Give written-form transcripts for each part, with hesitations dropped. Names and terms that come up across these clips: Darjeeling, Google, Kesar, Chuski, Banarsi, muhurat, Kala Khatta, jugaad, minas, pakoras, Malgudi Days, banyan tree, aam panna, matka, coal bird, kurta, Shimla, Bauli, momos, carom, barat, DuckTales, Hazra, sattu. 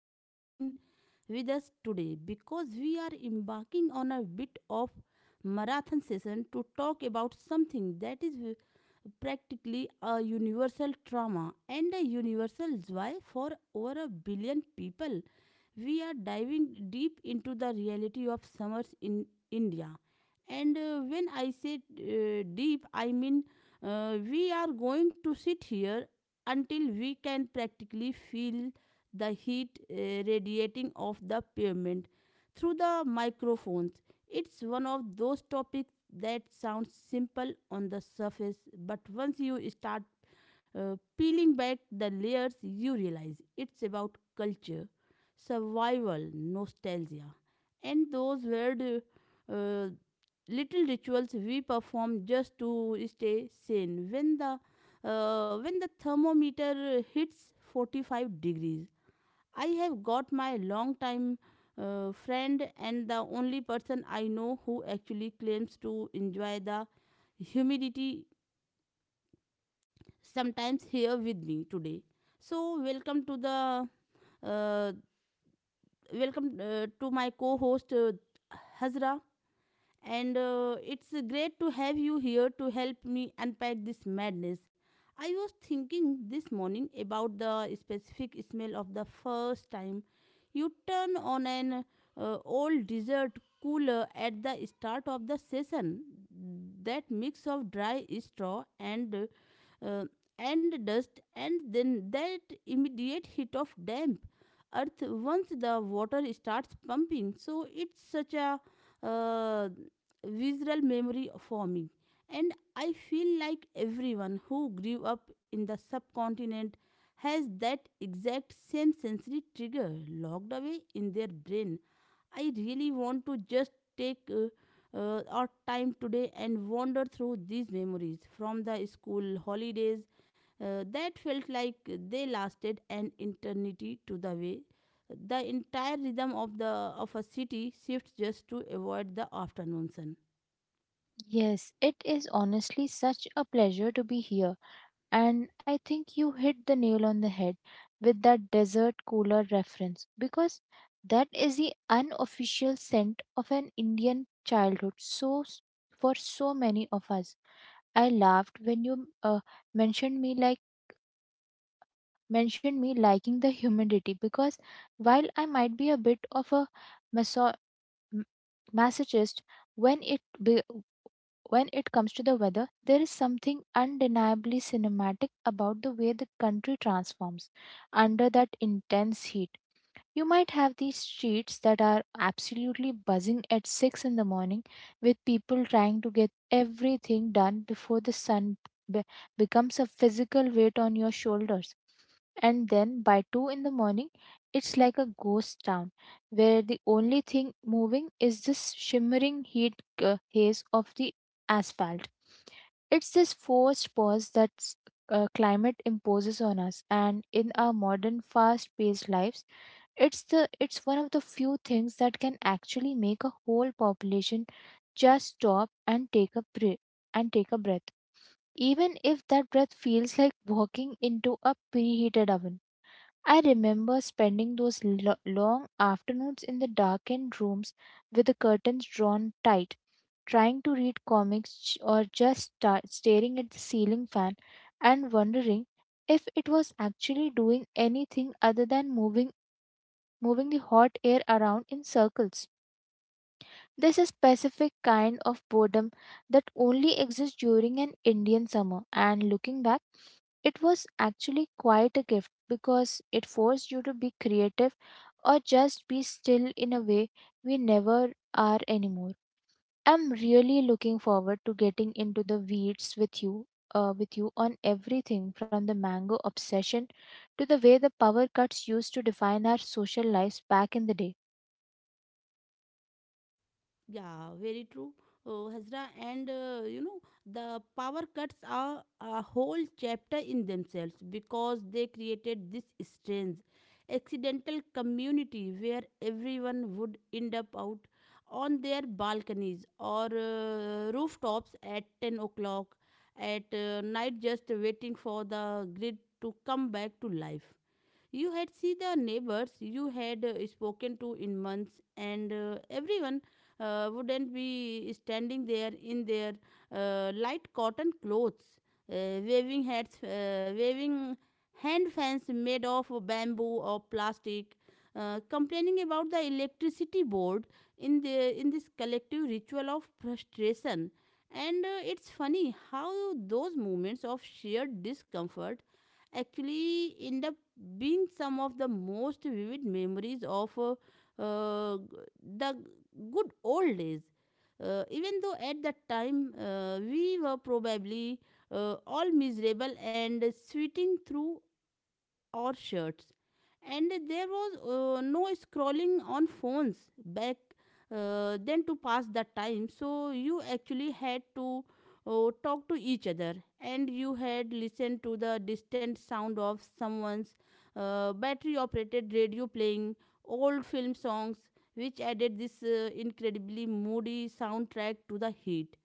to settle in with us today because we are embarking on a bit of marathon session to talk about something that is practically a universal trauma and a universal joy for over a billion people. We are diving deep into the reality of summers in India. And when I say deep, I mean we are going to sit here until we can practically feel the heat radiating off the pavement through the microphones. It's one of those topics that sounds simple on the surface, but once you start peeling back the layers, you realize it's about culture, survival, nostalgia, and those weird uh, little rituals we perform just to stay sane. When the thermometer hits 45 degrees, I have got my longtime friend and the only person I know who actually claims to enjoy the humidity sometimes here with me today. So welcome to the uh, welcome to my co-host Hazra. And it's great to have you here to help me unpack this madness. I was thinking this morning about the specific smell of the first time you turn on an old dessert cooler at the start of the session. That mix of dry straw and uh, and dust, and then that immediate hit of damp earth once the water starts pumping. So it's such a uh, visual memory for me, and I feel like everyone who grew up in the subcontinent has that exact same sensory trigger locked away in their brain. I really want to just take our time today and wander through these memories, from the school holidays that felt like they lasted an eternity to the way the entire rhythm of the of a city shifts just to avoid the afternoon sun. Yes, it is honestly such a pleasure to be here. And I think you hit the nail on the head with that desert cooler reference because that is the unofficial scent of an Indian childhood. For so many of us, I laughed when you mentioned me like mentioned me liking the humidity because while I might be a bit of a maso- m- masochist when it be- when it comes to the weather, there is something undeniably cinematic about the way the country transforms under that intense heat. You might have these streets that are absolutely buzzing at 6 in the morning with people trying to get everything done before the sun be- becomes a physical weight on your shoulders. And then by 2 in the morning, it's like a ghost town where the only thing moving is this shimmering heat haze of the asphalt. It's this forced pause that climate imposes on us, and in our modern fast paced lives, it's one of the few things that can actually make a whole population just stop and take a breath and take a breath. Even if that breath feels like walking into a preheated oven. I remember spending those long afternoons in the darkened rooms with the curtains drawn tight, trying to read comics or just staring at the ceiling fan and wondering if it was actually doing anything other than moving the hot air around in circles. This is specific kind of boredom that only exists during an Indian summer, and looking back it was actually quite a gift because it forced you to be creative or just be still in a way we never are anymore. I'm really looking forward to getting into the weeds with you with you on everything from the mango obsession to the way the power cuts used to define our social lives back in the day. Yeah, very true, Hazra. And you know, the power cuts are a whole chapter in themselves because they created this strange, accidental community where everyone would end up out on their balconies or rooftops at 10 o'clock at night, just waiting for the grid to come back to life. You had see the neighbors you had spoken to in months, and everyone wouldn't be standing there in their light cotton clothes, uh, waving hats, waving hand fans made of bamboo or plastic, complaining about the electricity board in the in this collective ritual of frustration. And it's funny how those moments of sheer discomfort actually end up being some of the most vivid memories of uh, the good old days. Even though at that time we were probably all miserable and sweating through or shirts. And there was no scrolling on phones back then to pass the time. So you actually had to talk to each other, and you had listened to the distant sound of someone's battery operated radio playing old film songs, which added this incredibly moody soundtrack to the heat.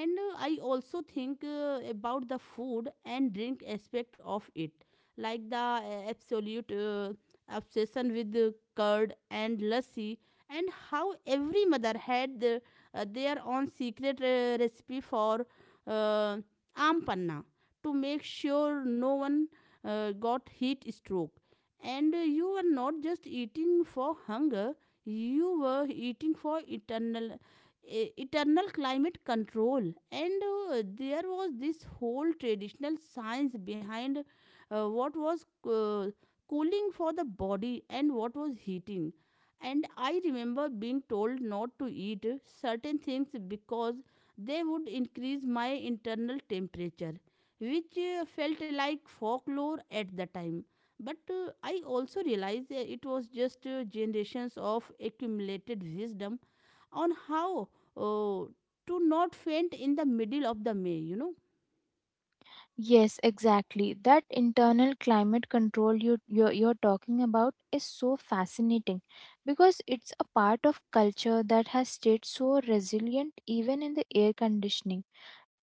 And I also think about the food and drink aspect of it, like the absolute obsession with curd and lassi, and how every mother had the, their own secret recipe for uh, ampanna to make sure no one got heat stroke. And you were not just eating for hunger, you were eating for eternal eternal climate control. And there was this whole traditional science behind what was uh, cooling for the body and what was heating. And I remember being told not to eat certain things because they would increase my internal temperature, which felt like folklore at the time, but I also realized it was just generations of accumulated wisdom on how uh, to not faint in the middle of the May, you know. Yes, exactly. That internal climate control you're talking about is so fascinating because it's a part of culture that has stayed so resilient even in the air conditioning.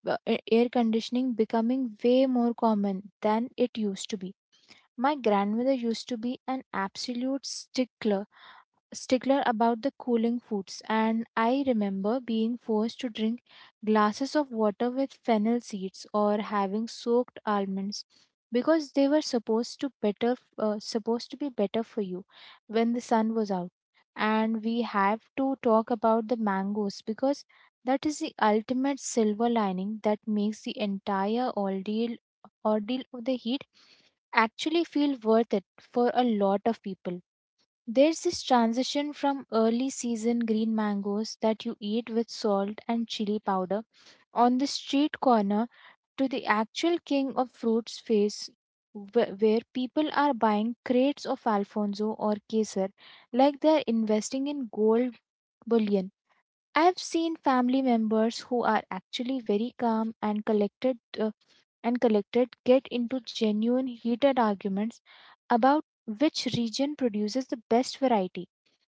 Air conditioning becoming way more common than it used to be. My grandmother used to be an absolute stickler about the cooling foods, and I remember being forced to drink glasses of water with fennel seeds or having soaked almonds because they were supposed to be better for you when the sun was out. And we have to talk about the mangoes because that is the ultimate silver lining that makes the entire ordeal of the heat actually feel worth it. For a lot of people there's this transition from early season green mangoes that you eat with salt and chili powder on the street corner to the actual king of fruits phase where people are buying crates of Alfonso or Kesar like they're investing in gold bullion. I've seen family members who are actually very calm and collected get into genuine heated arguments about which region produces the best variety,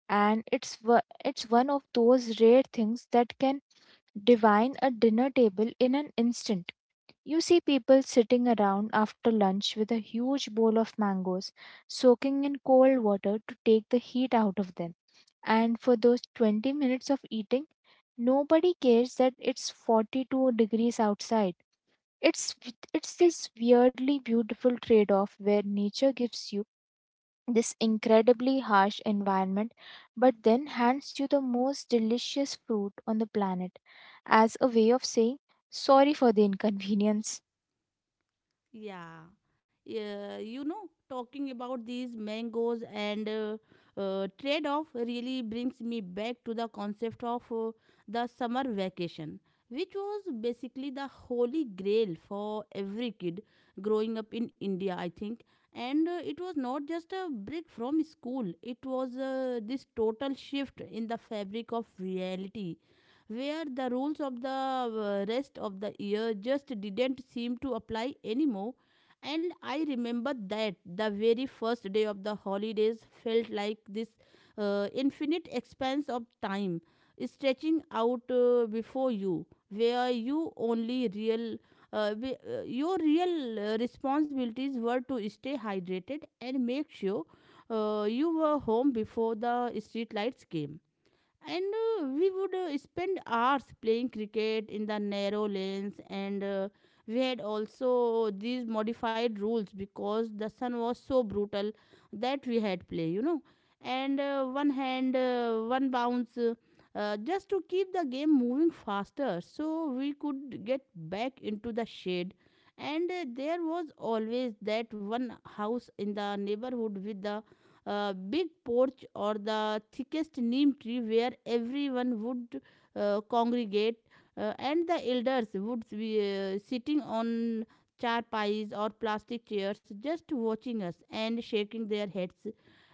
and it's one of those rare things that can divine a dinner table in an instant. You see people sitting around after lunch with a huge bowl of mangoes, soaking in cold water to take the heat out of them. And for those 20 minutes of eating, nobody cares that it's 42 degrees outside. It's it's this weirdly beautiful trade-off where nature gives you this incredibly harsh environment, but then hands you the most delicious fruit on the planet as a way of saying sorry for the inconvenience. Yeah. Yeah, you know, talking about these mangoes and trade off really brings me back to the concept of the summer vacation, which was basically the holy grail for every kid growing up in India, I think. And it was not just a break from school, it was this total shift in the fabric of reality where the rules of the rest of the year just didn't seem to apply anymore. And I remember that the very first day of the holidays felt like this infinite expanse of time stretching out before you, where you your real responsibilities were to stay hydrated and make sure you were home before the street lights came. And we would spend hours playing cricket in the narrow lanes, and we had also these modified rules because the sun was so brutal that we had play, you know, and one bounce, just to keep the game moving faster so we could get back into the shade. And there was always that one house in the neighborhood with the big porch or the thickest neem tree where everyone would congregate, and the elders would be sitting on charpais or plastic chairs, just watching us and shaking their heads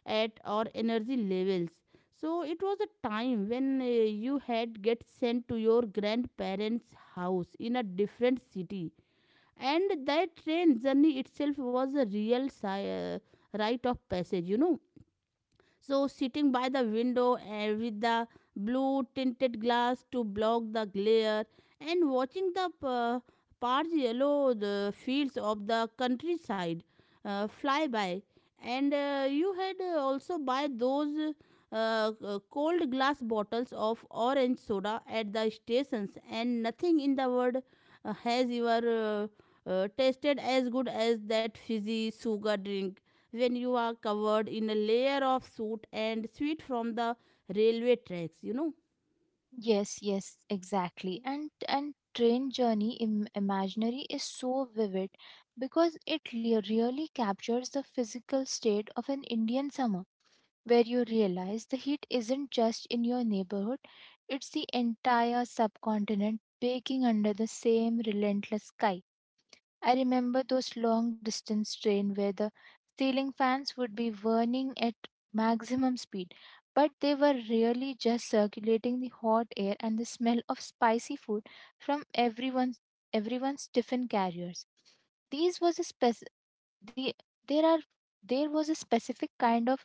at our energy levels. So it was a time when you had get sent to your grandparents house in a different city, and that train journey itself was a real rite of passage, you know. So, sitting by the window and with the blue tinted glass to block the glare and watching the parch yellow the fields of the countryside fly by. And you had also buy those uh, cold glass bottles of orange soda at the stations, and nothing in the world has ever tasted as good as that fizzy sugar drink when you are covered in a layer of soot and sweat from the railway tracks, you know. Yes, yes, exactly. And train journey imaginary is so vivid because really captures the physical state of an Indian summer, where you realize the heat isn't just in your neighborhood, it's the entire subcontinent baking under the same relentless sky. I remember those long distance train where the ceiling fans would be whirring at maximum speed, but they were really just circulating the hot air and the smell of spicy food from everyone's tiffin carriers. These was a spec- the there are there was a specific kind of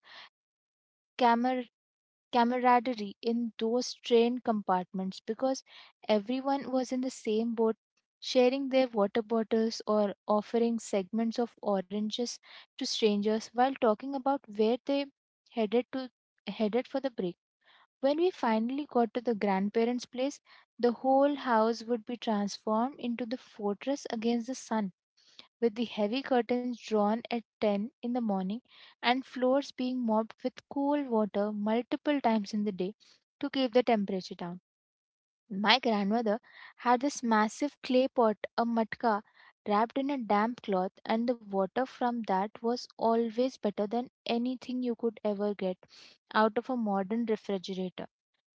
camaraderie in those train compartments because everyone was in the same boat, sharing their water bottles or offering segments of oranges to strangers while talking about where they headed to headed for the break. When we finally got to the grandparents' place, the whole house would be transformed into the fortress against the sun, with the heavy curtains drawn at 10 in the morning and floors being mopped with cool water multiple times in the day to keep the temperature down. My grandmother had this massive clay pot, a matka, wrapped in a damp cloth, and the water from that was always better than anything you could ever get out of a modern refrigerator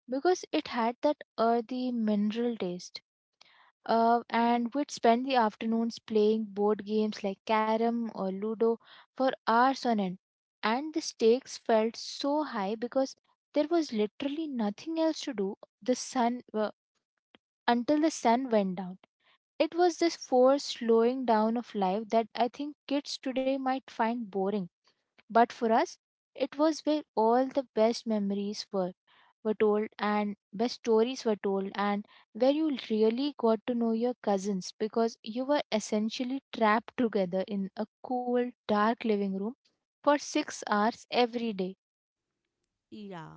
because it had that earthy mineral taste. And we'd spend the afternoons playing board games like carom or ludo for hours on end. And the stakes felt so high because there was literally nothing else to do the sun until the sun went down. It was this forced slowing down of life that I think kids today might find boring, but for us, it was where all the best memories were told, and best stories were told, and where you really got to know your cousins because you were essentially trapped together in a cool, dark living room for 6 hours every day. Yeah.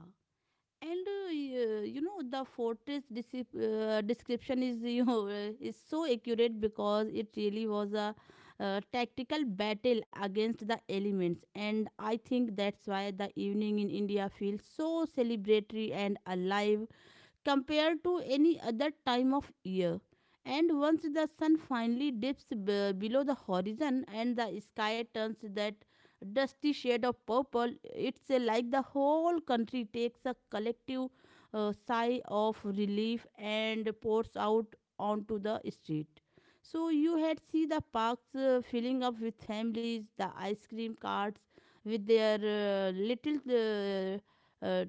And you know, the fortress description is you know, is so accurate because it really was a tactical battle against the elements. And I think that's why the evening in India feels so celebratory and alive compared to any other time of year. And once the sun finally dips below the horizon and the sky turns that dusty shade of purple, it's like the whole country takes a collective sigh of relief and pours out onto the street. So you had see the parks filling up with families, the ice cream carts with their little uh, uh,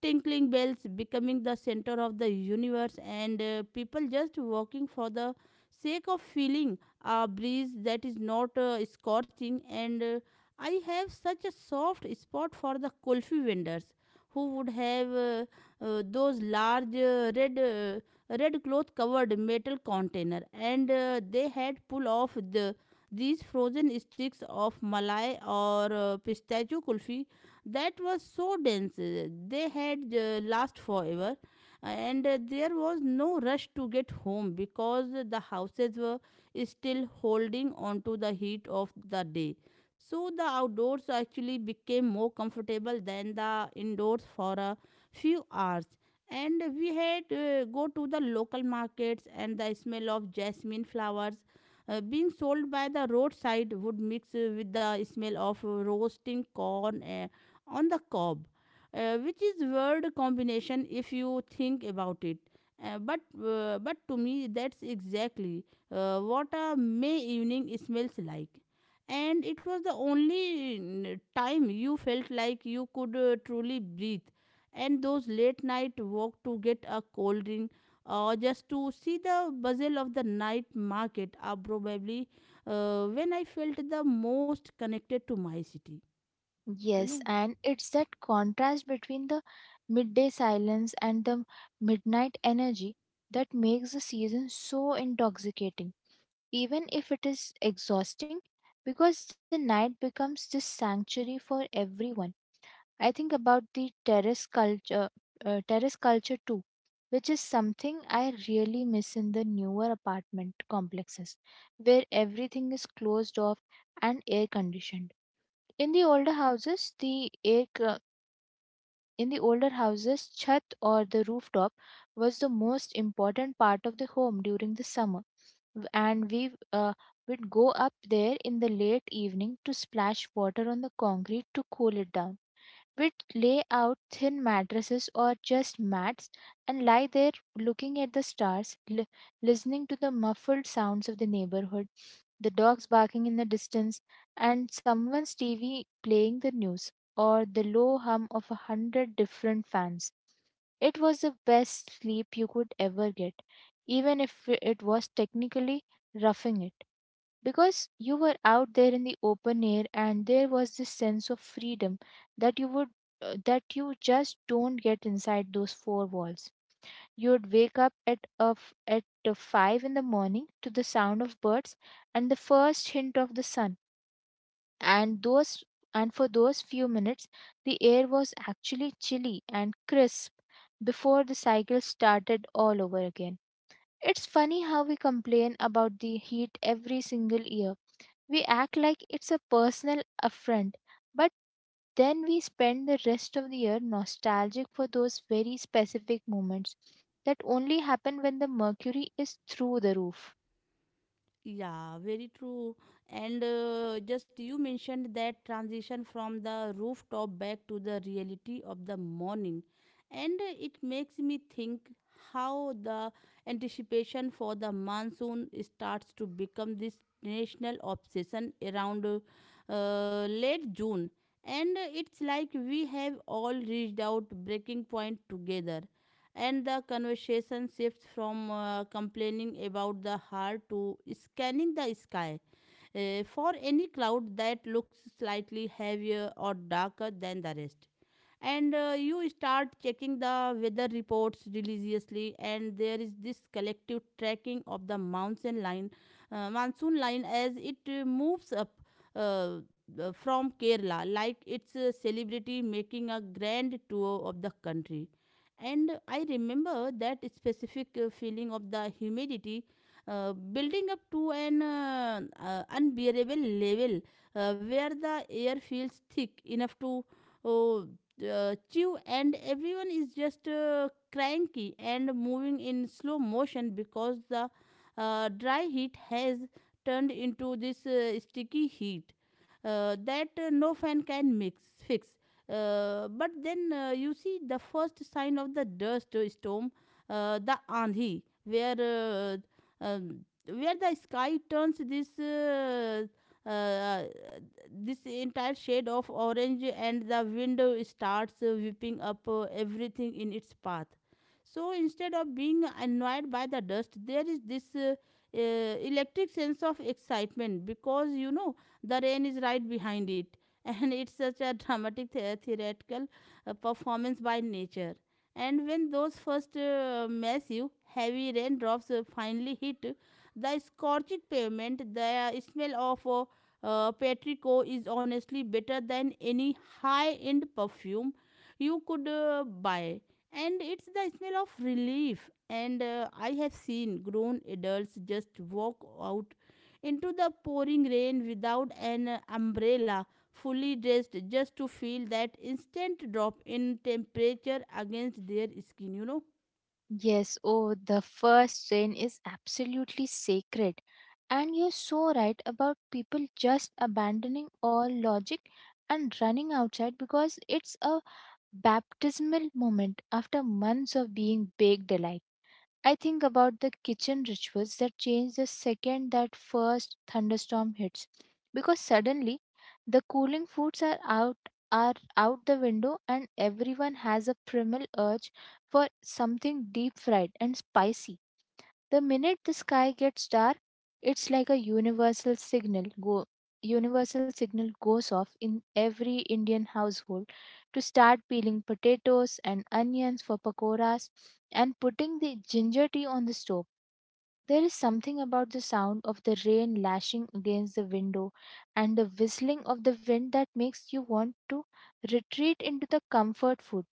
tinkling bells becoming the center of the universe, and people just walking for the sake of feeling a breeze that is not scorching. And I have such a soft spot for the kulfi vendors who would have those large red cloth covered metal container, and they had pull off the these frozen sticks of malai or pistachio kulfi that was so dense they had last forever. And there was no rush to get home because the houses were still holding on to the heat of the day, so the outdoors actually became more comfortable than the indoors for a few hours. And we had go to the local markets, and the smell of jasmine flowers being sold by the roadside would mix with the smell of roasting corn on the cob, which is word combination if you think about it. But but to me, that's exactly what a May evening smells like. And it was the only time you felt like you could truly breathe. And those late night walk to get a cold drink or just to see the bustle of the night market are probably when I felt the most connected to my city. You Yes, know. and it's that contrast between the midday silence and the midnight energy that makes the season so intoxicating, even if it is exhausting, because the night becomes this sanctuary for everyone. I think about the terrace culture, terrace culture too, which is something I really miss in the newer apartment complexes, where everything is closed off and air conditioned. In the older houses, the air co- in the older houses, chat or the rooftop was the most important part of the home during the summer. And we would go up there in the late evening to splash water on the concrete to cool it down. We'd lay out thin mattresses or just mats and lie there looking at the stars, listening to the muffled sounds of the neighborhood, the dogs barking in the distance, and someone's TV playing the news, or the low hum of 100 different fans. It was the best sleep you could ever get, even if it was technically roughing it, because you were out there in the open air and there was this sense of freedom that you would that you just don't get inside those four walls. You'd wake up at 5 in the morning to the sound of birds and the first hint of the sun. And those and for those few minutes, the air was actually chilly and crisp before the cycle started all over again. It's funny how we complain about the heat every single year. We act like it's a personal affront, but then we spend the rest of the year nostalgic for those very specific moments that only happen when the mercury is through the roof. Yeah, very true. And just you mentioned that transition from the rooftop back to the reality of the morning. And it makes me think how the anticipation for the monsoon starts to become this national obsession around late June. And It's like we have all reached out breaking point together, and the conversation shifts from complaining about the heart to scanning the sky for any cloud that looks slightly heavier or darker than the rest. And You start checking the weather reports religiously, and there is this collective tracking of the monsoon line, monsoon line as it moves up uh, from Kerala, like it's a celebrity making a grand tour of the country. And I remember that specific feeling of the humidity building up to an unbearable level, where the air feels thick enough to uh, chew, and everyone is just cranky and moving in slow motion because the dry heat has turned into this sticky heat that no fan can mix fix. But then you see the first sign of the dust storm, the andhi, where where the sky turns this uh, this entire shade of orange, and the wind starts whipping up everything in its path. So instead of being annoyed by the dust, there is this electric sense of excitement, because you know the rain is right behind it, and it's such a dramatic theatrical performance by nature. And when those first massive, heavy raindrops finally hit the scorching pavement, the smell of Patrico is honestly better than any high end perfume you could buy, and it's the smell of relief. And I have seen grown adults just walk out into the pouring rain without an umbrella, fully dressed, just to feel that instant drop in temperature against their skin, you know? Yes, oh, the first rain is absolutely sacred. And you're so right about people just abandoning all logic and running outside because it's a baptismal moment after months of being baked alive. I think about the kitchen rituals that change the second that first thunderstorm hits, because suddenly the cooling foods are out the window and everyone has a primal urge for something deep fried and spicy. The minute the sky gets dark, it's like a universal signal goes off in every Indian household to start peeling potatoes and onions for pakoras and putting the ginger tea on the stove. There is something about the sound of the rain lashing against the window and the whistling of the wind that makes you want to retreat into the comfort food.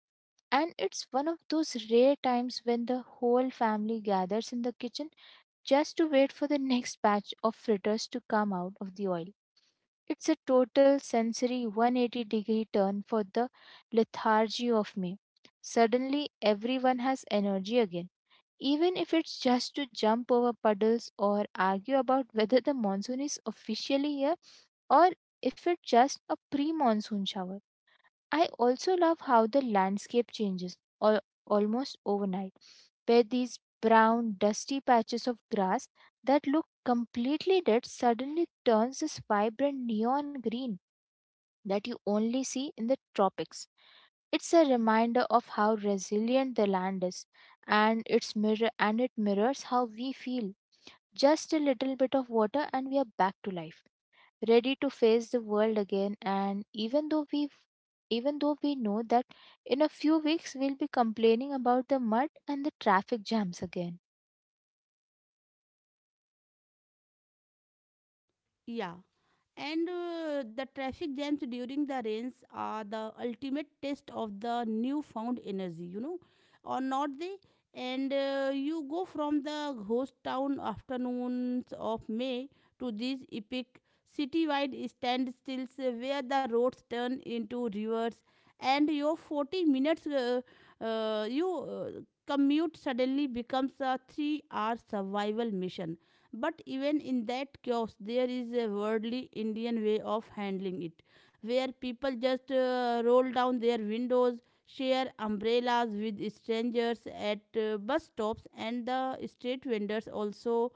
And it's one of those rare times when the whole family gathers in the kitchen just to wait for the next batch of fritters to come out of the oil. It's a total sensory 180 degree turn for the lethargy of me. Suddenly, everyone has energy again, even if it's just to jump over puddles or argue about whether the monsoon is officially here, or if it's just a pre monsoon shower. I also love how the landscape changes almost overnight, where these brown, dusty patches of grass that look completely dead suddenly turns this vibrant neon green that you only see in the tropics. It's a reminder of how resilient the land is, and its mirror and it mirrors how we feel. Just a little bit of water, and we are back to life, ready to face the world again. And even though we know that in a few weeks we'll be complaining about the mud and the traffic jams again. Yeah. And the traffic jams during the rains are the ultimate test of the newfound energy, you know, or not they. And you go from the ghost town afternoons of May to these epic citywide standstills, where the roads turn into rivers, and your 40 minutes you commute suddenly becomes a 3-hour survival mission. But even in that chaos, there is a worldly Indian way of handling it, where people just roll down their windows, share umbrellas with strangers at bus stops, and the street vendors also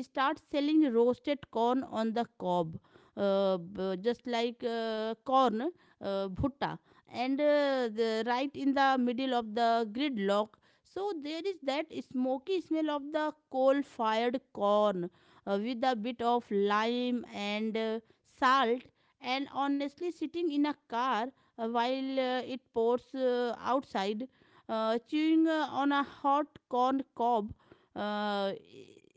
start selling roasted corn on the cob. Just like corn, bhutta, right in the middle of the gridlock. So there is that smoky smell of the coal fired corn with a bit of lime and salt. And honestly, sitting in a car while it pours outside, chewing on a hot corn cob uh,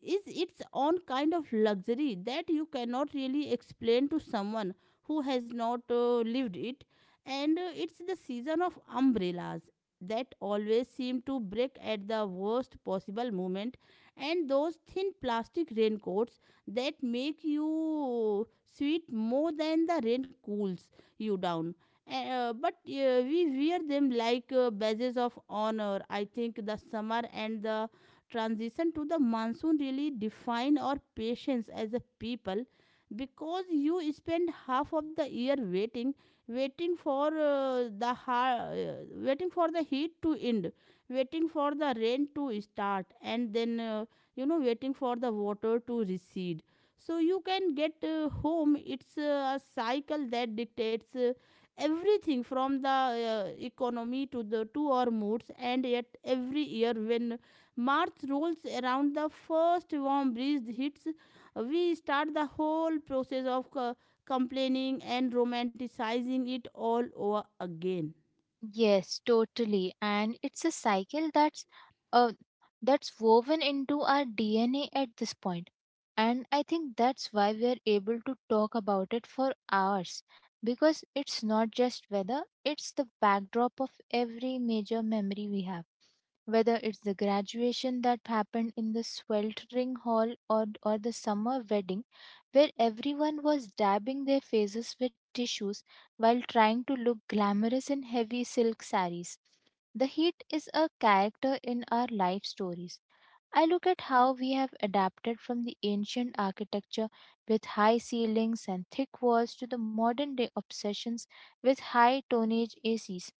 is its own kind of luxury that you cannot really explain to someone who has not lived it. And it's the season of umbrellas that always seemed to break at the worst possible moment, and those thin plastic raincoats that make you sweat more than the rain cools you down. But we wear them like badges of honor. I think the summer and the transition to the monsoon really define our patience as a people, because you spend half of the year waiting, waiting for uh, the ha- uh, waiting for the heat to end, waiting for the rain to start, and then, you know, waiting for the water to recede so you can get home. It's a cycle that dictates everything from the economy to the to our moods. And yet every year when March rolls around, the first warm breeze hits, we start the whole process of complaining and romanticizing it all over again. Yes, totally, and it's a cycle uh, that's woven into our dna at this point. And I think that's why we are able to talk about it for hours, because it's not just weather, it's the backdrop of every major memory we have, whether it's the graduation that happened in the sweltering hall, or the summer wedding where everyone was dabbing their faces with tissues while trying to look glamorous in heavy silk saris. The heat is a character in our life stories. I look at how we have adapted, from the ancient architecture with high ceilings and thick walls to the modern day obsessions with high tonnage ACs.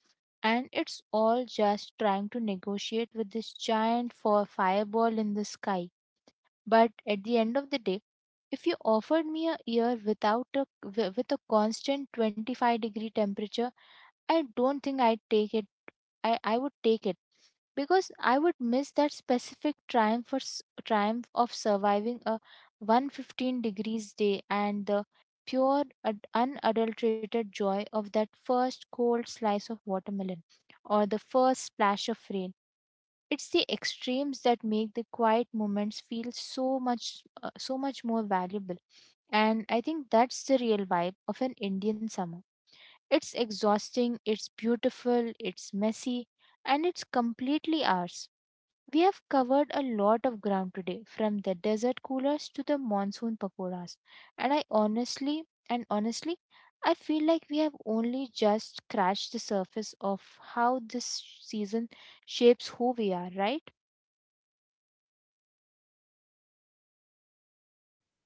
And it's all just trying to negotiate with this giant for fireball in the sky. But at the end of the day, if you offered me a year without a, wi- with a constant 25-degree temperature, I don't think I'd take it I would take it, because I would miss that specific triumph of surviving a 115 degrees day and the unadulterated joy of that first cold slice of watermelon or the first splash of rain. It's the extremes that make the quiet moments feel so much more valuable. And I think that's the real vibe of an Indian summer. It's exhausting, it's beautiful, it's messy, and it's completely ours. We have covered a lot of ground today, from the desert coolers to the monsoon pakoras. And I honestly, and honestly, I feel like we have only just scratched the surface of how this season shapes who we are, right?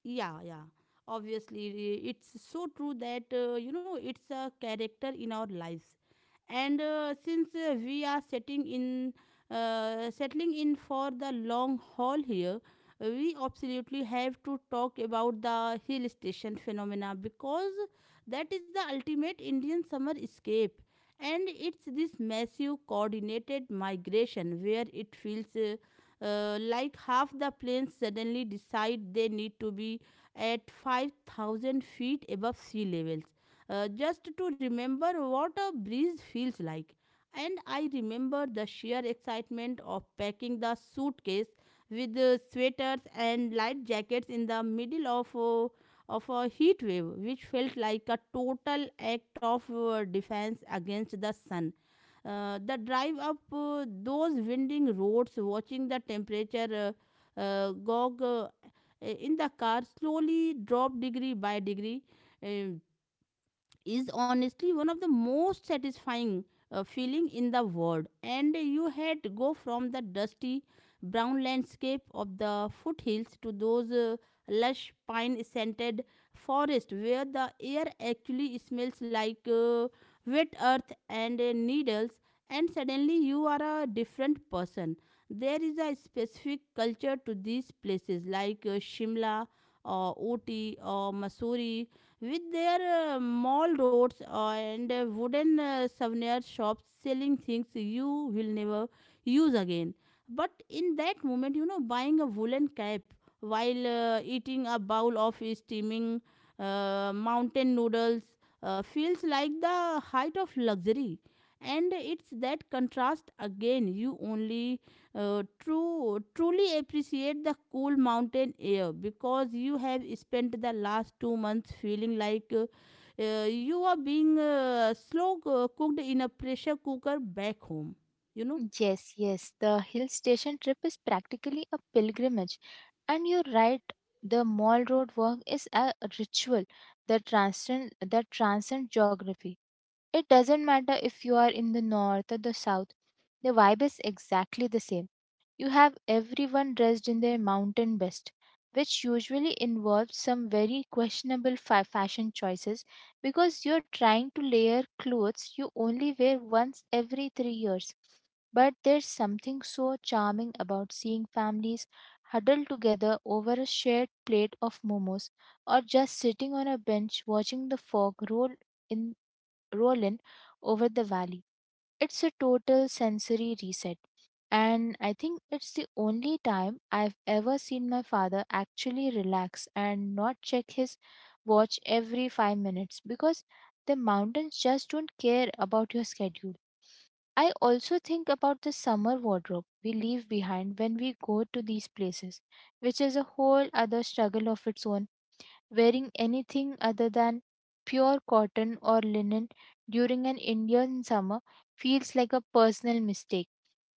Yeah, yeah. Obviously, it's so true that, you know, it's a character in our lives. And since we are setting in settling in for the long haul here, we absolutely have to talk about the hill station phenomena, because that is the ultimate Indian summer escape. And it's this massive coordinated migration where it feels like half the planes suddenly decide they need to be at 5000 feet above sea levels, just to remember what a breeze feels like. And I remember the sheer excitement of packing the suitcase with sweaters and light jackets in the middle of a heat wave, which felt like a total act of defense against the sun. The drive up those winding roads, watching the temperature gog in the car slowly drop degree by degree, um, is honestly one of the most satisfying feeling in the world. And you had to go from the dusty brown landscape of the foothills to those lush pine scented forests, where the air actually smells like wet earth and needles, and suddenly you are a different person. There is a specific culture to these places, like Shimla or Ooty or Missouri, with their mall roads and wooden souvenir shops selling things you will never use again. But in that moment, you know, buying a woolen cap while eating a bowl of steaming mountain noodles feels like the height of luxury. And it's that contrast again. You only truly appreciate the cool mountain air, because you have spent the last 2 months feeling like you are being slow cooked in a pressure cooker back home, you know. Yes, yes, the hill station trip is practically a pilgrimage. And you're right, the mall road walk is a ritual that transcends geography. It doesn't matter if you are in the north or the south, the vibe is exactly the same. You have everyone dressed in their mountain best, which usually involves some very fashion choices, because you're trying to layer clothes you only wear once every 3 years. But there's something so charming about seeing families huddle together over a shared plate of momos, or just sitting on a bench watching the fog roll in rolling over the valley. It's a total sensory reset. And I think it's the only time I've ever seen my father actually relax and not check his watch every 5 minutes, because the mountains just don't care about your schedule. I also think about the summer wardrobe we leave behind when we go to these places, which is a whole other struggle of its own. Wearing anything other than pure cotton or linen during an Indian summer feels like a personal mistake.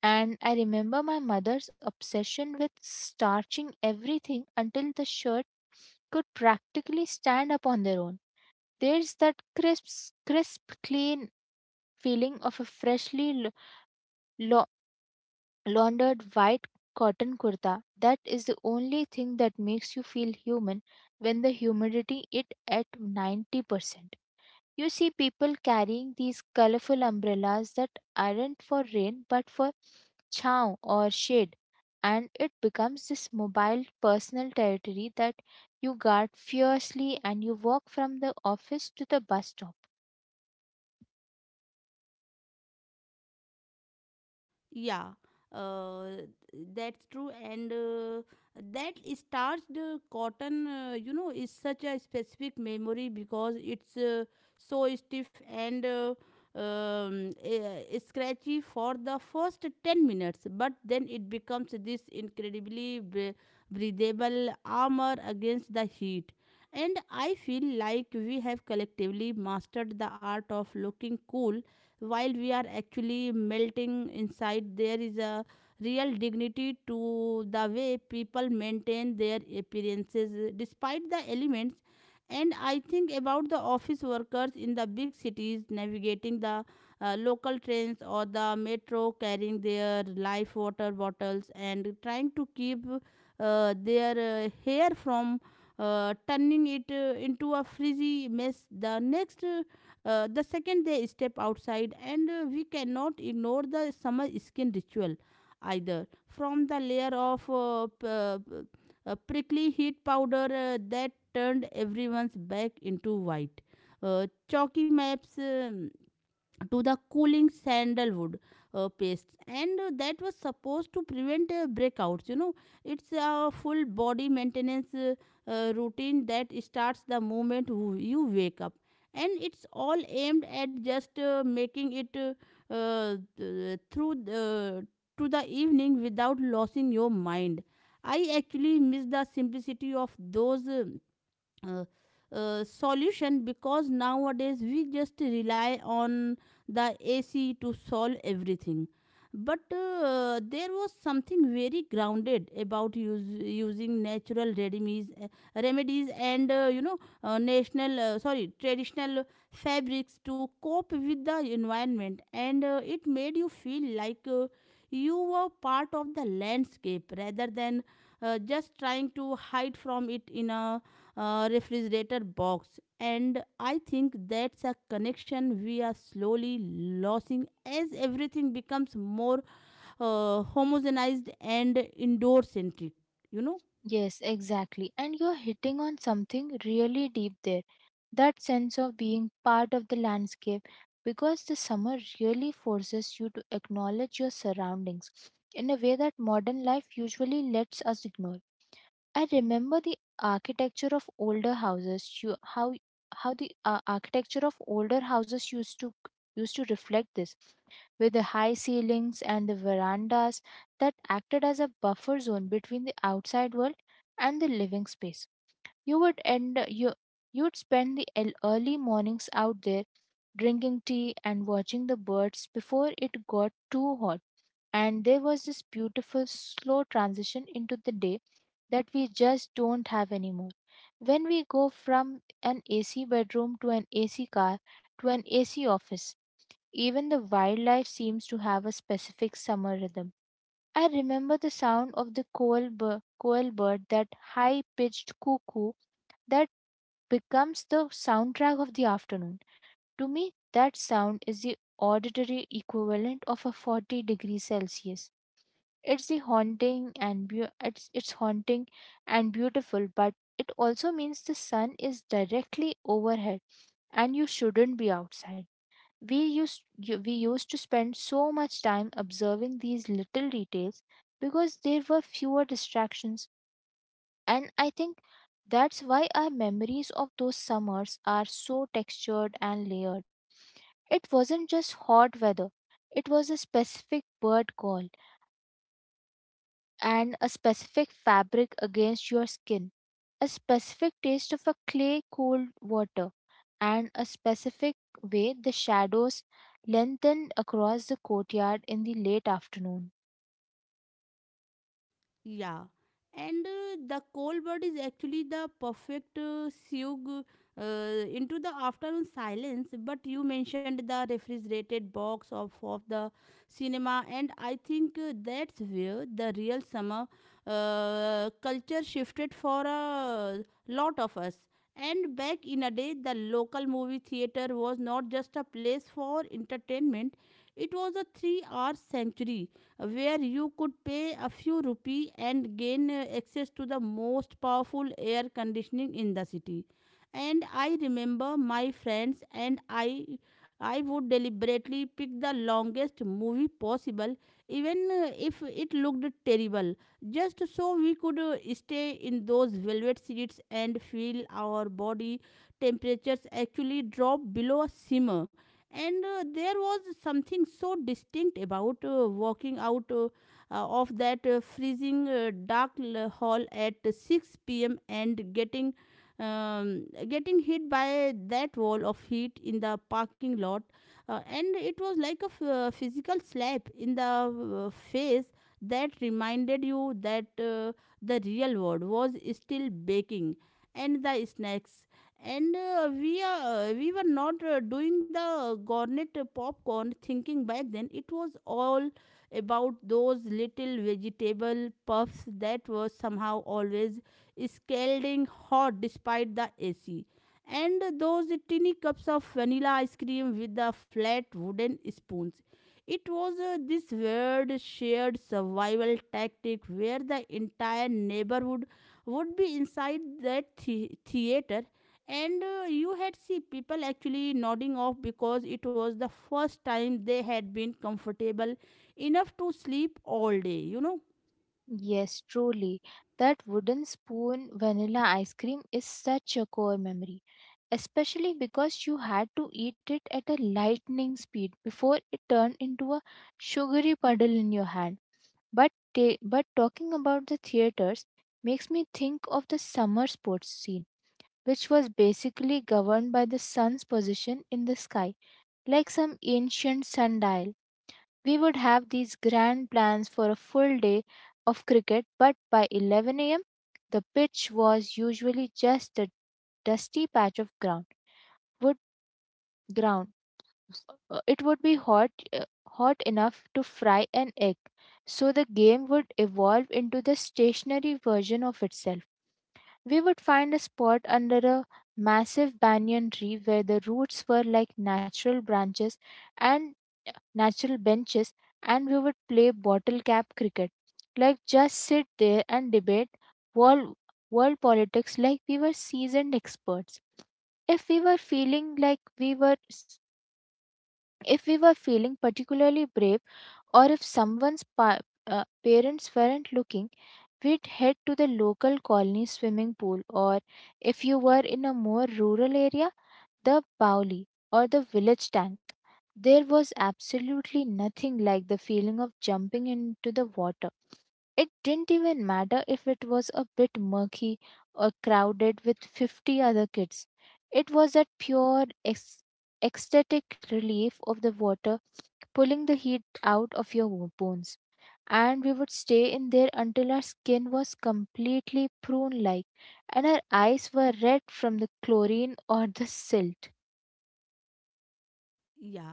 And I remember my mother's obsession with starching everything until the shirt could practically stand up on their own. There's that crisp, clean feeling of a laundered white cotton kurta. That is the only thing that makes you feel human when the humidity is at 90%. You see people carrying these colorful umbrellas that aren't for rain but for chow or shade, and it becomes this mobile personal territory that you guard fiercely, and you walk from the office to the bus stop. Yeah, that's true. And that starched cotton, you know, is such a specific memory because it's so stiff and scratchy for the first 10 minutes. But then it becomes this incredibly breathable armor against the heat. And I feel like we have collectively mastered the art of looking cool while we are actually melting inside. There is a real dignity to the way people maintain their appearances despite the elements. And I think about the office workers in the big cities navigating the local trains or the metro, carrying their life water bottles and trying to keep their hair from turning it into a frizzy mess the next the second they step outside. And we cannot ignore the summer skin ritual either. From the layer of prickly heat powder that turned everyone's back into white, chalky maps, to the cooling sandalwood paste and that was supposed to prevent breakouts, you know. It's a full body maintenance routine that starts the moment you wake up, and it's all aimed at just making it th- through to the evening without losing your mind. I actually miss the simplicity of those uh, solution, because nowadays we just rely on the AC to solve everything. But there was something very grounded about using natural remedies, and you know, national sorry traditional fabrics to cope with the environment. And it made you feel like you were part of the landscape rather than just trying to hide from it in a refrigerator box. And I think that's a connection we are slowly losing as everything becomes more homogenized and indoor centric, you know. Yes, exactly. And you're hitting on something really deep there. That sense of being part of the landscape, because the summer really forces you to acknowledge your surroundings in a way that modern life usually lets us ignore. I remember the architecture of older houses. You, how the architecture of older houses used to reflect this, with the high ceilings and the verandas that acted as a buffer zone between the outside world and the living space. You would end you you would spend early mornings out there drinking tea and watching the birds before it got too hot. And there was this beautiful slow transition into the day that we just don't have anymore, when we go from an ac bedroom to an ac car to an ac office. Even the wildlife seems to have a specific summer rhythm. I remember the sound of the coal bird, that high pitched cuckoo that becomes the soundtrack of the afternoon. To me, that sound is the auditory equivalent of a 40-degree celsius. It's haunting and beautiful, but it also means the sun is directly overhead and you shouldn't be outside. We used we used to spend so much time observing these little details because there were fewer distractions, and I think that's why our memories of those summers are so textured and layered. It wasn't just hot weather; it was a specific bird call, and a specific fabric against your skin, a specific taste of a clay cold water, and a specific way the shadows lengthened across the courtyard in the late afternoon. Yeah, and the cold bird is actually the perfect sug into the afternoon silence. But you mentioned the refrigerated box of the cinema, and I think that's where the real summer culture shifted for a lot of us. And back in a day, the local movie theater was not just a place for entertainment, it was a 3 hour sanctuary where you could pay a few rupee and gain access to the most powerful air conditioning in the city. And I remember my friends and I would deliberately pick the longest movie possible, even if it looked terrible, just so we could stay in those velvet seats and feel our body temperatures actually drop below a simmer. And there was something so distinct about walking out of that freezing dark hall at 6 p.m. And getting getting hit by that wall of heat in the parking lot, and it was like a physical slap in the face that reminded you that the real world was still baking and the snacks and we were not doing the garnet popcorn thinking. Back then it was all about those little vegetable puffs that were somehow always scalding hot despite the AC, and those tiny cups of vanilla ice cream with the flat wooden spoons. It was this weird shared survival tactic where the entire neighborhood would be inside theater, and you had see people actually nodding off because it was the first time they had been comfortable enough to sleep all day, you know. Yes, truly. That wooden spoon vanilla ice cream is such a core memory, especially because you had to eat it at a lightning speed before it turned into a sugary puddle in your hand. But talking about the theaters makes me think of the summer sports scene, which was basically governed by the sun's position in the sky, like some ancient sundial. We would have these grand plans for a full day of cricket, but by 11 a.m., the pitch was usually just a dusty patch of Would ground. It would be hot enough to fry an egg. So the game would evolve into the stationary version of itself. We would find a spot under a massive banyan tree where the roots were like and natural benches, and we would play bottle cap cricket. Like, just sit there and debate world, world politics like we were seasoned experts. If we were feeling like we were, s- If we were feeling particularly brave, or if someone's parents weren't looking, we'd head to the local colony swimming pool, or if you were in a more rural area, the Bauli or the village tank. There was absolutely nothing like the feeling of jumping into the water. It didn't even matter if it was a bit murky or crowded with 50 other kids. It was that ec- ecstatic relief of the water pulling the heat out of bones, and we would stay in there until our skin was completely prune like, and our eyes were red from the chlorine or the silt. Yeah.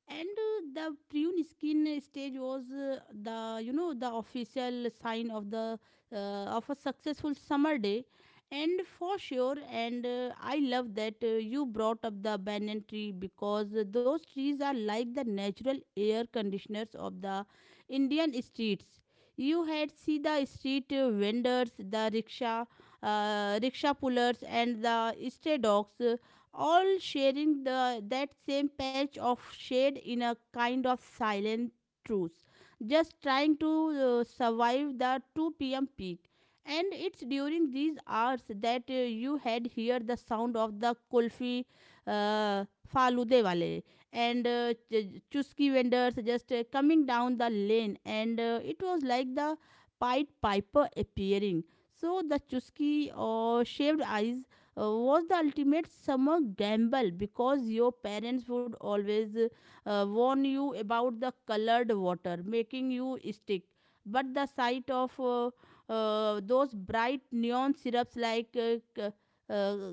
And the prune skin stage was the, you know, the official sign of the uh, of a successful summer day. And for sure. And I love that you brought up the banyan tree, because those trees are like the natural air conditioners of the Indian streets. You had see the street vendors, the rickshaw pullers, and the stray dogs, all sharing the that same patch of shade in a kind of silent truce, just trying to survive the 2 p.m. peak. And it's during these hours that you had hear the sound of the kulfi uh, falude wale and chusky vendors just coming down the lane, and it was like the Pied Piper appearing. So the chusky or shaved eyes was the ultimate summer gamble because your parents would always warn you about the colored water making you stick. But the sight of those bright neon syrups like uh,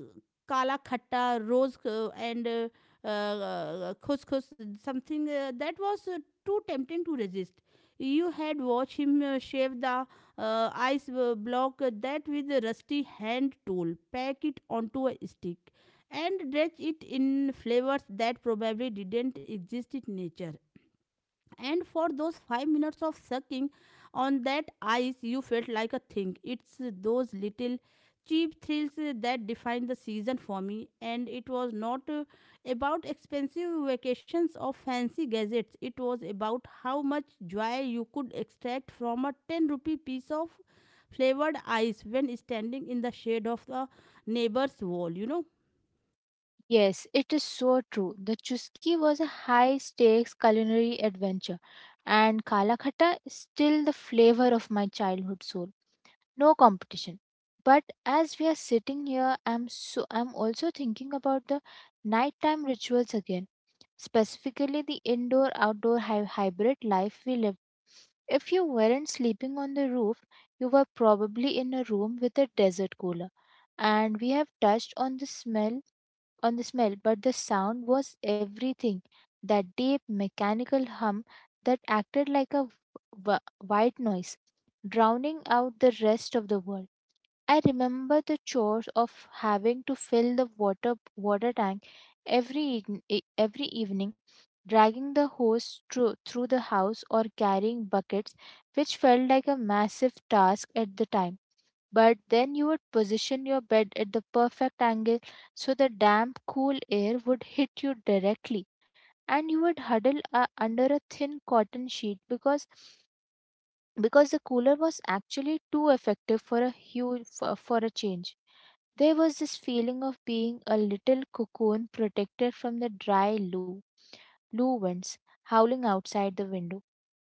kala khatta, rose, and khus khus, something that was too tempting to resist. You had watched him shave the block that with a rusty hand tool, pack it onto a stick, and dredge it in flavors that probably didn't exist in nature. And for those 5 minutes of sucking on that ice, you felt like a thing. It's those little cheap thrills that define the season for me, and it was not about expensive vacations or fancy gadgets. It was about how much joy you could extract from a 10 rupee piece of flavored ice when standing in the shade of the neighbor's wall, you know. Yes, it is so true. The Chuski was a high stakes culinary adventure, and Kala Khatta is still the flavor of my childhood soul. No competition. But as we are sitting here, I'm also thinking about the nighttime rituals again, specifically the indoor outdoor hybrid life we live. If you weren't sleeping on the roof, you were probably in a room with a desert cooler. And we have touched on the smell, but the sound was everything. That deep mechanical hum that acted like a white noise, drowning out the rest of the world. I remember the chores of having to fill the water tank every evening, e, every evening, dragging the hose through the house or carrying buckets, which felt like a massive task at the time. But then you would position your bed at the perfect angle so the damp, cool air would hit you directly. And you would huddle under a thin cotton sheet, because the cooler was actually too effective for a change. There was this feeling of being a little cocoon protected from the dry blue winds howling outside the window.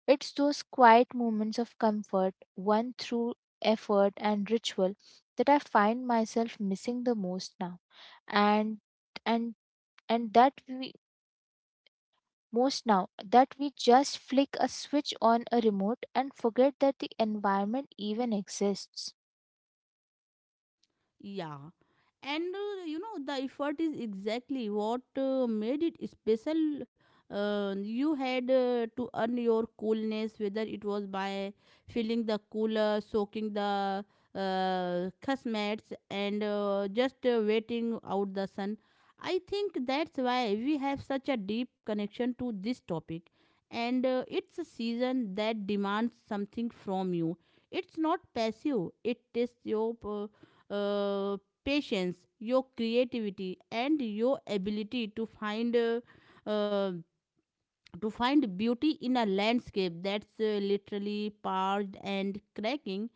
It's those quiet moments of comfort, won through effort and ritual, that I find myself missing the most now. And and and that we just flick a switch on a remote and forget that the environment even exists. Yeah. And you know, the effort is exactly what made it special. You had to earn your coolness, whether it was by filling the cooler, soaking the cusmets, and just waiting out the sun. I think that's why we have such a deep connection to this topic. And it's a season that demands something from you. It's not passive, it tests your. Uh, Patience, your creativity, and your ability uh, to find beauty in a landscape that's literally parched and cracking.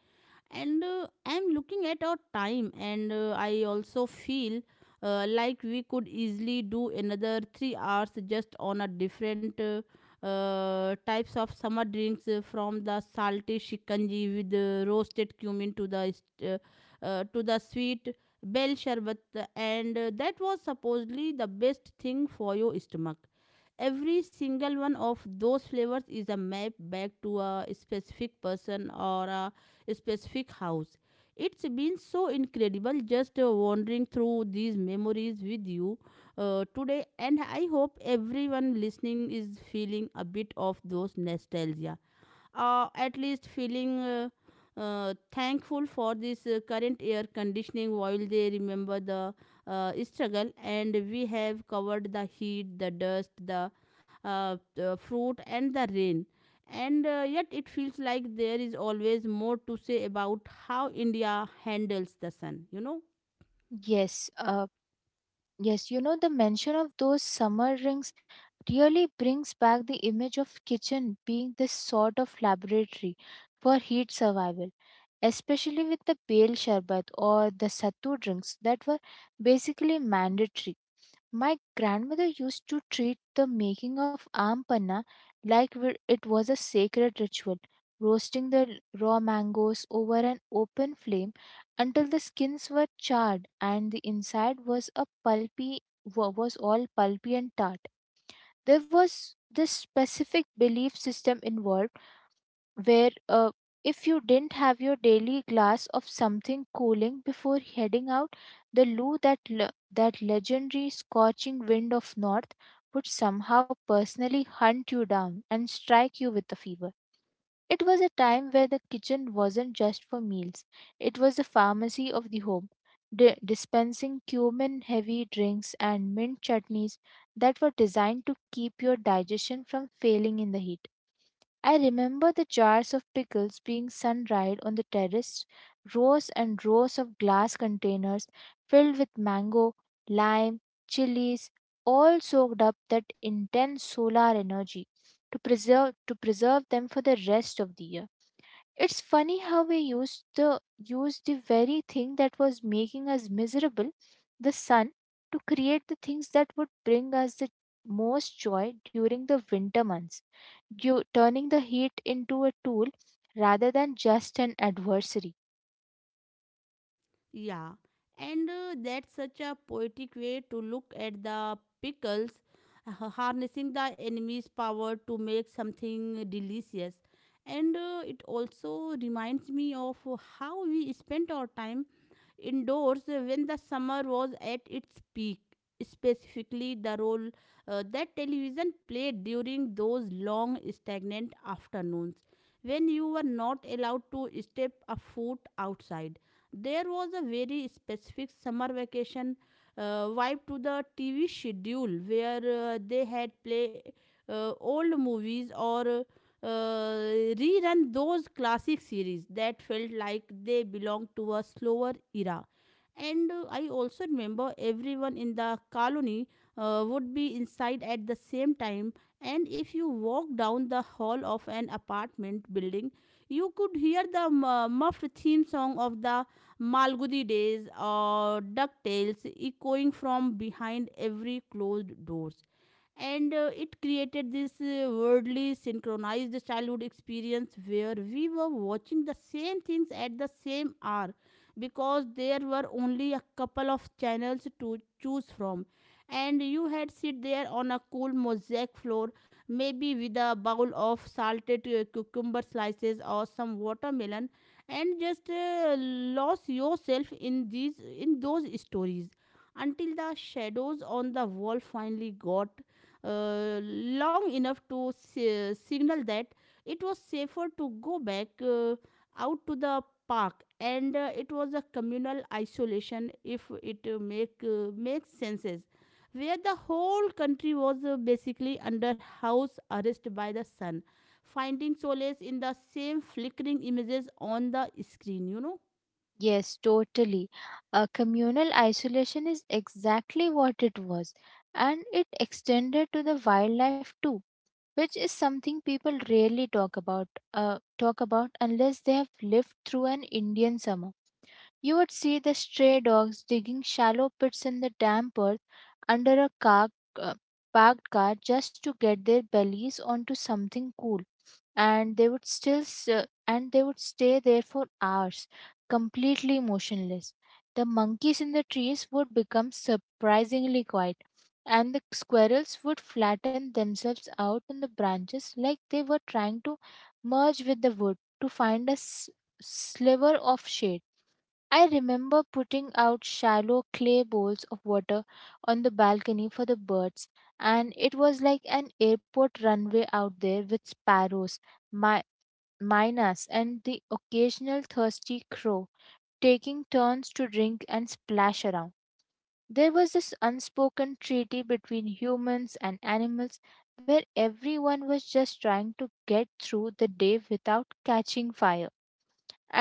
And I'm looking at our time, and I also feel like we could easily do another 3 hours just on a different types of summer drinks, from the salty shikanji with roasted cumin to the to the sweet bell sherbet, and that was supposedly the best thing for your stomach. Every single one of those flavors is a map back to a specific person or a specific house. It's been so incredible just wandering through these memories with you today, and I hope everyone listening is feeling a bit of those nostalgia, at least feeling thankful for this current air conditioning while they remember the struggle. And we have covered the heat, the dust, the fruit, and the rain, and yet it feels like there is always more to say about how India handles the sun, you know. Yes, uh, Yes, you know, the mention of those summer rings really brings back the image of kitchen being this sort of laboratory for heat survival, especially with the pale sherbet or the sattu drinks that were basically mandatory. My grandmother used to treat the making of aam panna like it was a sacred ritual, roasting the raw mangoes over an open flame until the skins were charred and the inside was all pulpy and tart. There was this specific belief system involved where if you didn't have your daily glass of something cooling before heading out, the loo, that legendary scorching wind of north, would somehow personally hunt you down and strike you with a fever. It was a time where the kitchen wasn't just for meals; it was the pharmacy of the home, dispensing cumin-heavy drinks and mint chutneys that were designed to keep your digestion from failing in the heat. I remember the jars of pickles being sun dried on the terrace, rows and rows of glass containers filled with mango, lime, chilies, all soaked up that intense solar energy to preserve them for the rest of the year. It's funny how we used the very thing that was making us miserable, the sun, to create the things that would bring us the most joy during the winter months, you turning the heat into a tool rather than just an adversary. Yeah, and that's such a poetic way to look at the pickles, harnessing the enemy's power to make something delicious. And it also reminds me of how we spent our time indoors when the summer was at its peak. Specifically, the role that television played during those long, stagnant afternoons when you were not allowed to step a foot outside. There was a very specific summer vacation vibe to the TV schedule, where they had play old movies or uh, rerun those classic series that felt like they belonged to a slower era. And I also remember everyone in the colony would be inside at the same time. And if you walk down the hall of an apartment building, you could hear the muffled theme song of the Malgudi Days or DuckTales echoing from behind every closed door. And it created this worldly synchronized childhood experience where we were watching the same things at the same hour because there were only a couple of channels to choose from. And you had sit there on a cool mosaic floor, maybe with a bowl of salted cucumber slices or some watermelon, and just lost yourself in these in those stories until the shadows on the wall finally got long enough to signal that it was safer to go back out to the park. And it was a communal isolation, if it makes senses, where the whole country was basically under house arrest by the sun, finding solace in the same flickering images on the screen, you know. Yes, totally. A communal isolation is exactly what it was, and it extended to the wildlife too, which is something people rarely talk about. Talk about unless they have lived through an Indian summer. You would see the stray dogs digging shallow pits in the damp earth under a car, uh, parked car, just to get their bellies onto something cool, and they would stay there for hours, completely motionless. The monkeys in the trees would become surprisingly quiet, and the squirrels would flatten themselves out on the branches like they were trying to merge with the wood to find a sliver of shade. I remember putting out shallow clay bowls of water on the balcony for the birds, and it was like an airport runway out there with sparrows, mi- minas, and the occasional thirsty crow taking turns to drink and splash around. There was this unspoken treaty between humans and animals where everyone was just trying to get through the day without catching fire,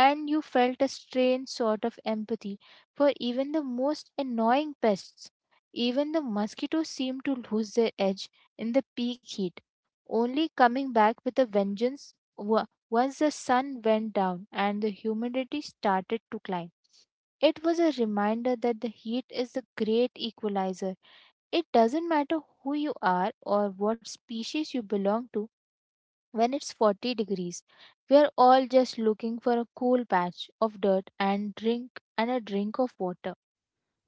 and you felt a strange sort of empathy for even the most annoying pests. Even the mosquitoes seemed to lose their edge in the peak heat, only coming back with a vengeance once the sun went down and the humidity started to climb. It was a reminder that the heat is the great equalizer. It doesn't matter who you are or what species you belong to; when it's 40 degrees, we are all just looking for a cool patch of dirt and a drink of water.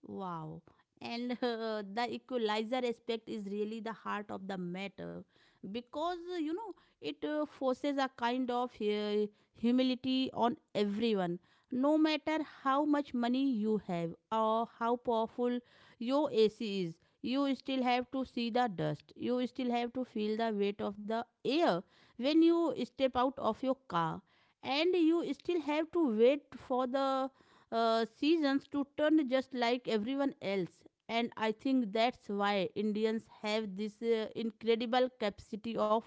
Wow. And the equalizer aspect is really the heart of the matter because you know, it forces a kind of humility on everyone, no matter how much money you have or how powerful your AC is. You still have to see the dust, you still have to feel the weight of the air when you step out of your car, and you still have to wait for the seasons to turn just like everyone else. And I think that's why Indians have this incredible capacity of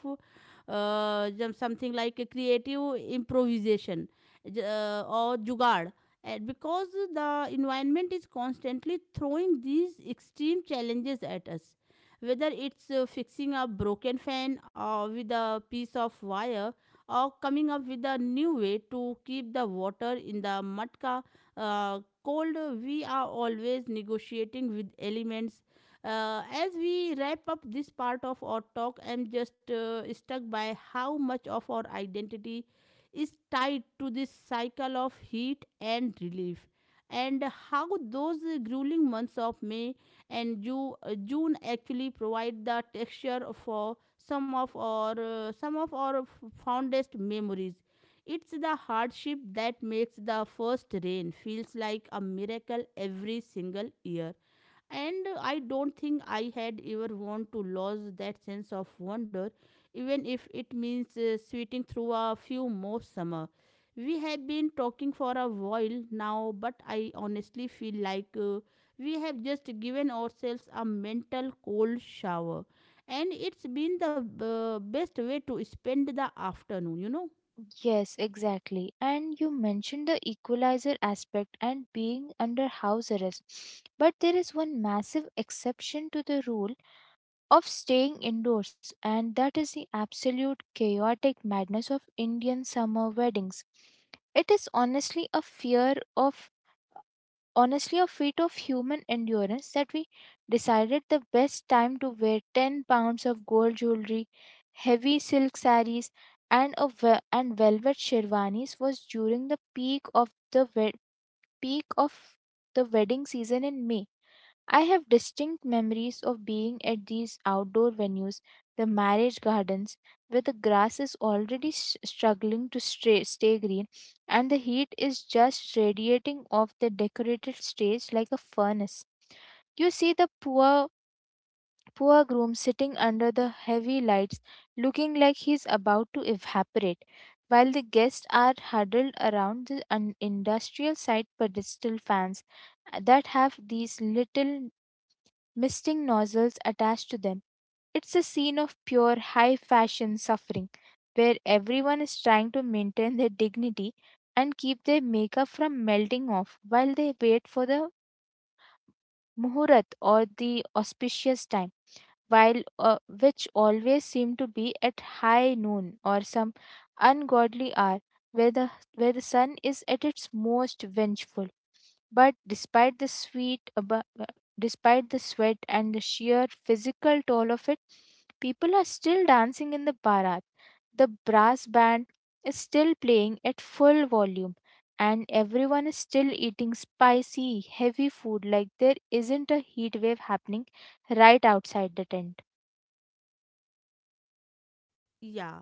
something like a creative improvisation, or jugaad. And because the environment is constantly throwing these extreme challenges at us, whether it's fixing a broken fan or with a piece of wire, or coming up with a new way to keep the water in the matka cold, we are always negotiating with elements. As we wrap up this part of our talk, I'm just struck by how much of our identity is tied to this cycle of heat and relief, and how those grueling months of May and June actually provide the texture for some of our fondest memories. It's the hardship that makes the first rain feels like a miracle every single year. And I don't think I had ever want to lose that sense of wonder, even if it means sweating through a few more summer. We have been talking for a while now, but I honestly feel like we have just given ourselves a mental cold shower. And it's been the best way to spend the afternoon, you know. Yes, exactly. And you mentioned the equalizer aspect and being under house arrest. But there is one massive exception to the rule of staying indoors, and that is the absolute chaotic madness of Indian summer weddings. It is honestly a feat of human endurance that we decided the best time to wear 10 lbs of gold jewelry, heavy silk saris, and a ve- and velvet sherwanis was during the peak of the wedding season in May. I have distinct memories of being at these outdoor venues, the marriage gardens, where the grass is already struggling to stay green, and the heat is just radiating off the decorated stage like a furnace. You see the poor, poor groom sitting under the heavy lights, looking like he's about to evaporate, while the guests are huddled around the industrial side pedestal fans that have these little misting nozzles attached to them. It's a scene of pure high fashion suffering where everyone is trying to maintain their dignity and keep their makeup from melting off while they wait for the muhurat, or the auspicious time, while which always seem to be at high noon or some ungodly hour where the sun is at its most vengeful. But despite the sweat and the sheer physical toll of it, people are still dancing in the barat. The brass band is still playing at full volume, and everyone is still eating spicy, heavy food like there isn't a heat wave happening right outside the tent. Yeah.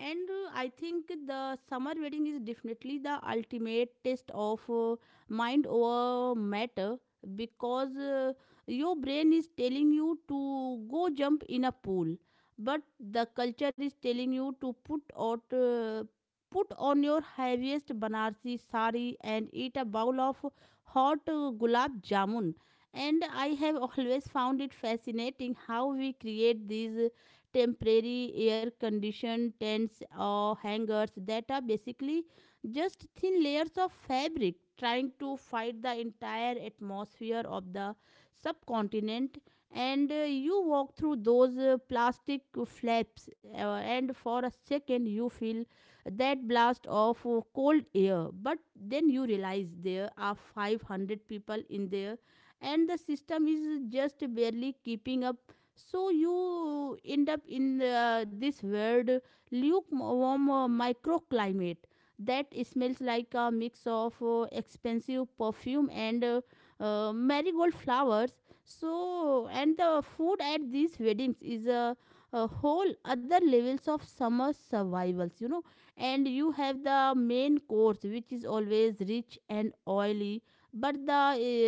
And I think the summer wedding is definitely the ultimate test of mind over matter, because your brain is telling you to go jump in a pool, but the culture is telling you to put out. Put on your heaviest Banarsi sari and eat a bowl of hot gulab jamun. And I have always found it fascinating how we create these temporary air conditioned tents or hangars that are basically just thin layers of fabric trying to fight the entire atmosphere of the subcontinent. And you walk through those plastic flaps, and for a second you feel that blast of cold air, but then you realize there are 500 people in there and the system is just barely keeping up. So you end up in this weird lukewarm microclimate that smells like a mix of expensive perfume and marigold flowers. So, and the food at these weddings is a whole other levels of summer survivals, you know. And you have the main course, which is always rich and oily, but the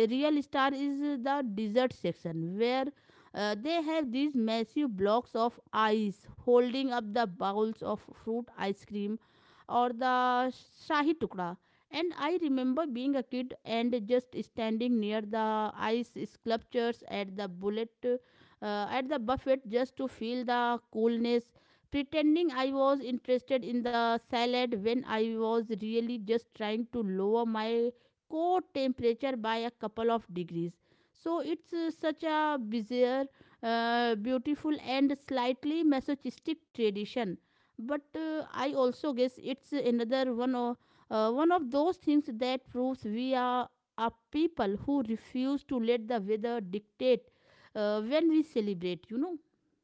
real star is the dessert section, where they have these massive blocks of ice holding up the bowls of fruit ice cream or the shahi tukda. And I remember being a kid and just standing near the ice sculptures at the at the buffet, just to feel the coolness, pretending I was interested in the salad when I was really just trying to lower my core temperature by a couple of degrees. So it's such a bizarre, beautiful, and slightly masochistic tradition. But I also guess it's another one of those things that proves we are a people who refuse to let the weather dictate when we celebrate, you know.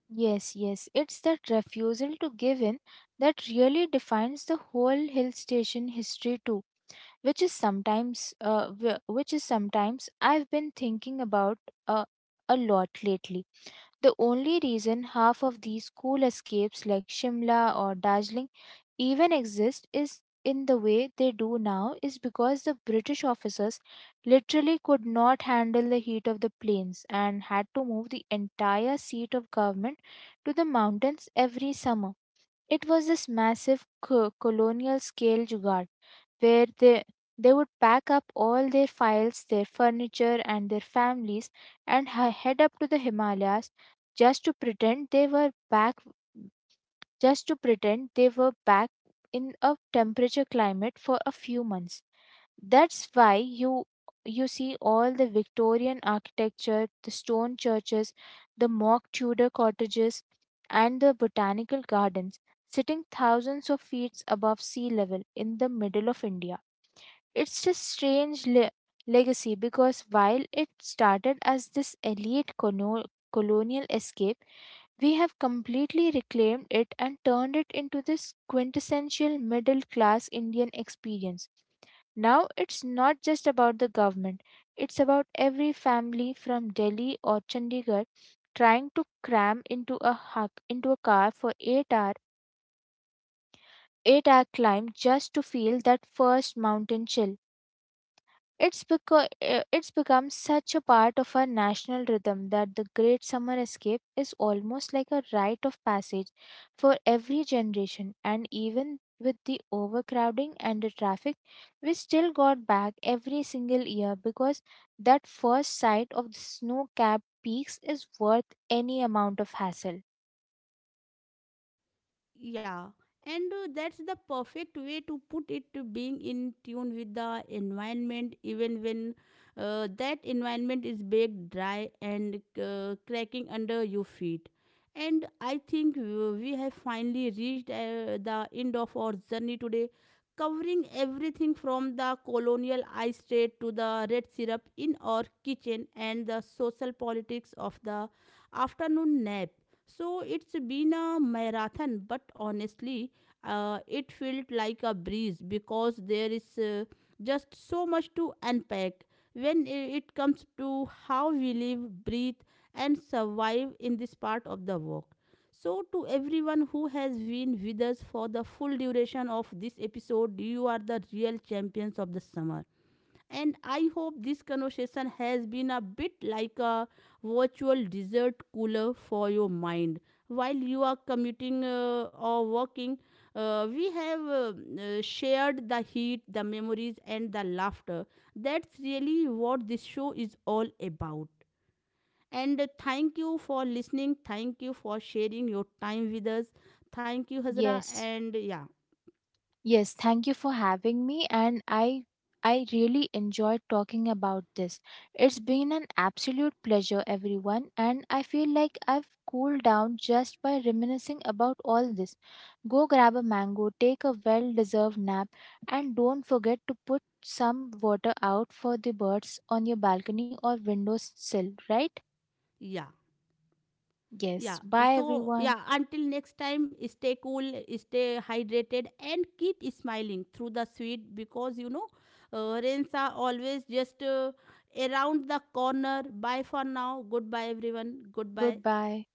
Yes, yes, it's that refusal to give in that really defines the whole hill station history too, which is which is sometimes I've been thinking about uh, a lot lately. The only reason half of these cool escapes like Shimla or Darjeeling even exist is in the way they do now is because the British officers literally could not handle the heat of the plains and had to move the entire seat of government to the mountains every summer. It was this massive colonial scale jugaad where they would pack up all their files, their furniture, and their families and head up to the Himalayas, just to pretend they were back just to pretend they were back in a temperature climate for a few months. That's why you see all the Victorian architecture, the stone churches, the mock Tudor cottages, and the botanical gardens sitting thousands of feet above sea level in the middle of India. It's a strange legacy because while it started as this elite colonial escape, we have completely reclaimed it and turned it into this quintessential middle class Indian experience. Now it's not just about the government, it's about every family from Delhi or Chandigarh trying to cram into a car for 8 hour 8-hour climb just to feel that first mountain chill. It's because it's become such a part of our national rhythm that the Great Summer Escape is almost like a rite of passage for every generation. And even with the overcrowding and the traffic, we still got back every single year because that first sight of the snow capped peaks is worth any amount of hassle. Yeah, and that's the perfect way to put it, being in tune with the environment even when that environment is baked dry and cracking under your feet. And I think we have finally reached the end of our journey today, covering everything from the colonial ice trade to the red syrup in our kitchen and the social politics of the afternoon nap. So it's been a marathon, but honestly, it felt like a breeze because there is just so much to unpack when it comes to how we live, breathe, and survive in this part of the work. So, to everyone who has been with us for the full duration of this episode, you are the real champions of the summer, and I hope this conversation has been a bit like a virtual dessert cooler for your mind while you are commuting or working. We have shared the heat, the memories, and the laughter. That's really what this show is all about. And thank you for listening. Thank you for sharing your time with us. Thank you, Hazra. Yes. And yeah, Yes, thank you for having me, and I really enjoyed talking about this. It's been an absolute pleasure, everyone, and I feel like I've cooled down just by reminiscing about all this. Go grab a mango, take a well-deserved nap, and don't forget to put some water out for the birds on your balcony or windowsill, right? yeah. Yes. Yeah, Bye so everyone. yeah, until next time, stay cool, stay hydrated, and keep smiling through the sweet, because you know, rains are always just around the corner. Bye for now. Goodbye, everyone. Goodbye. Goodbye.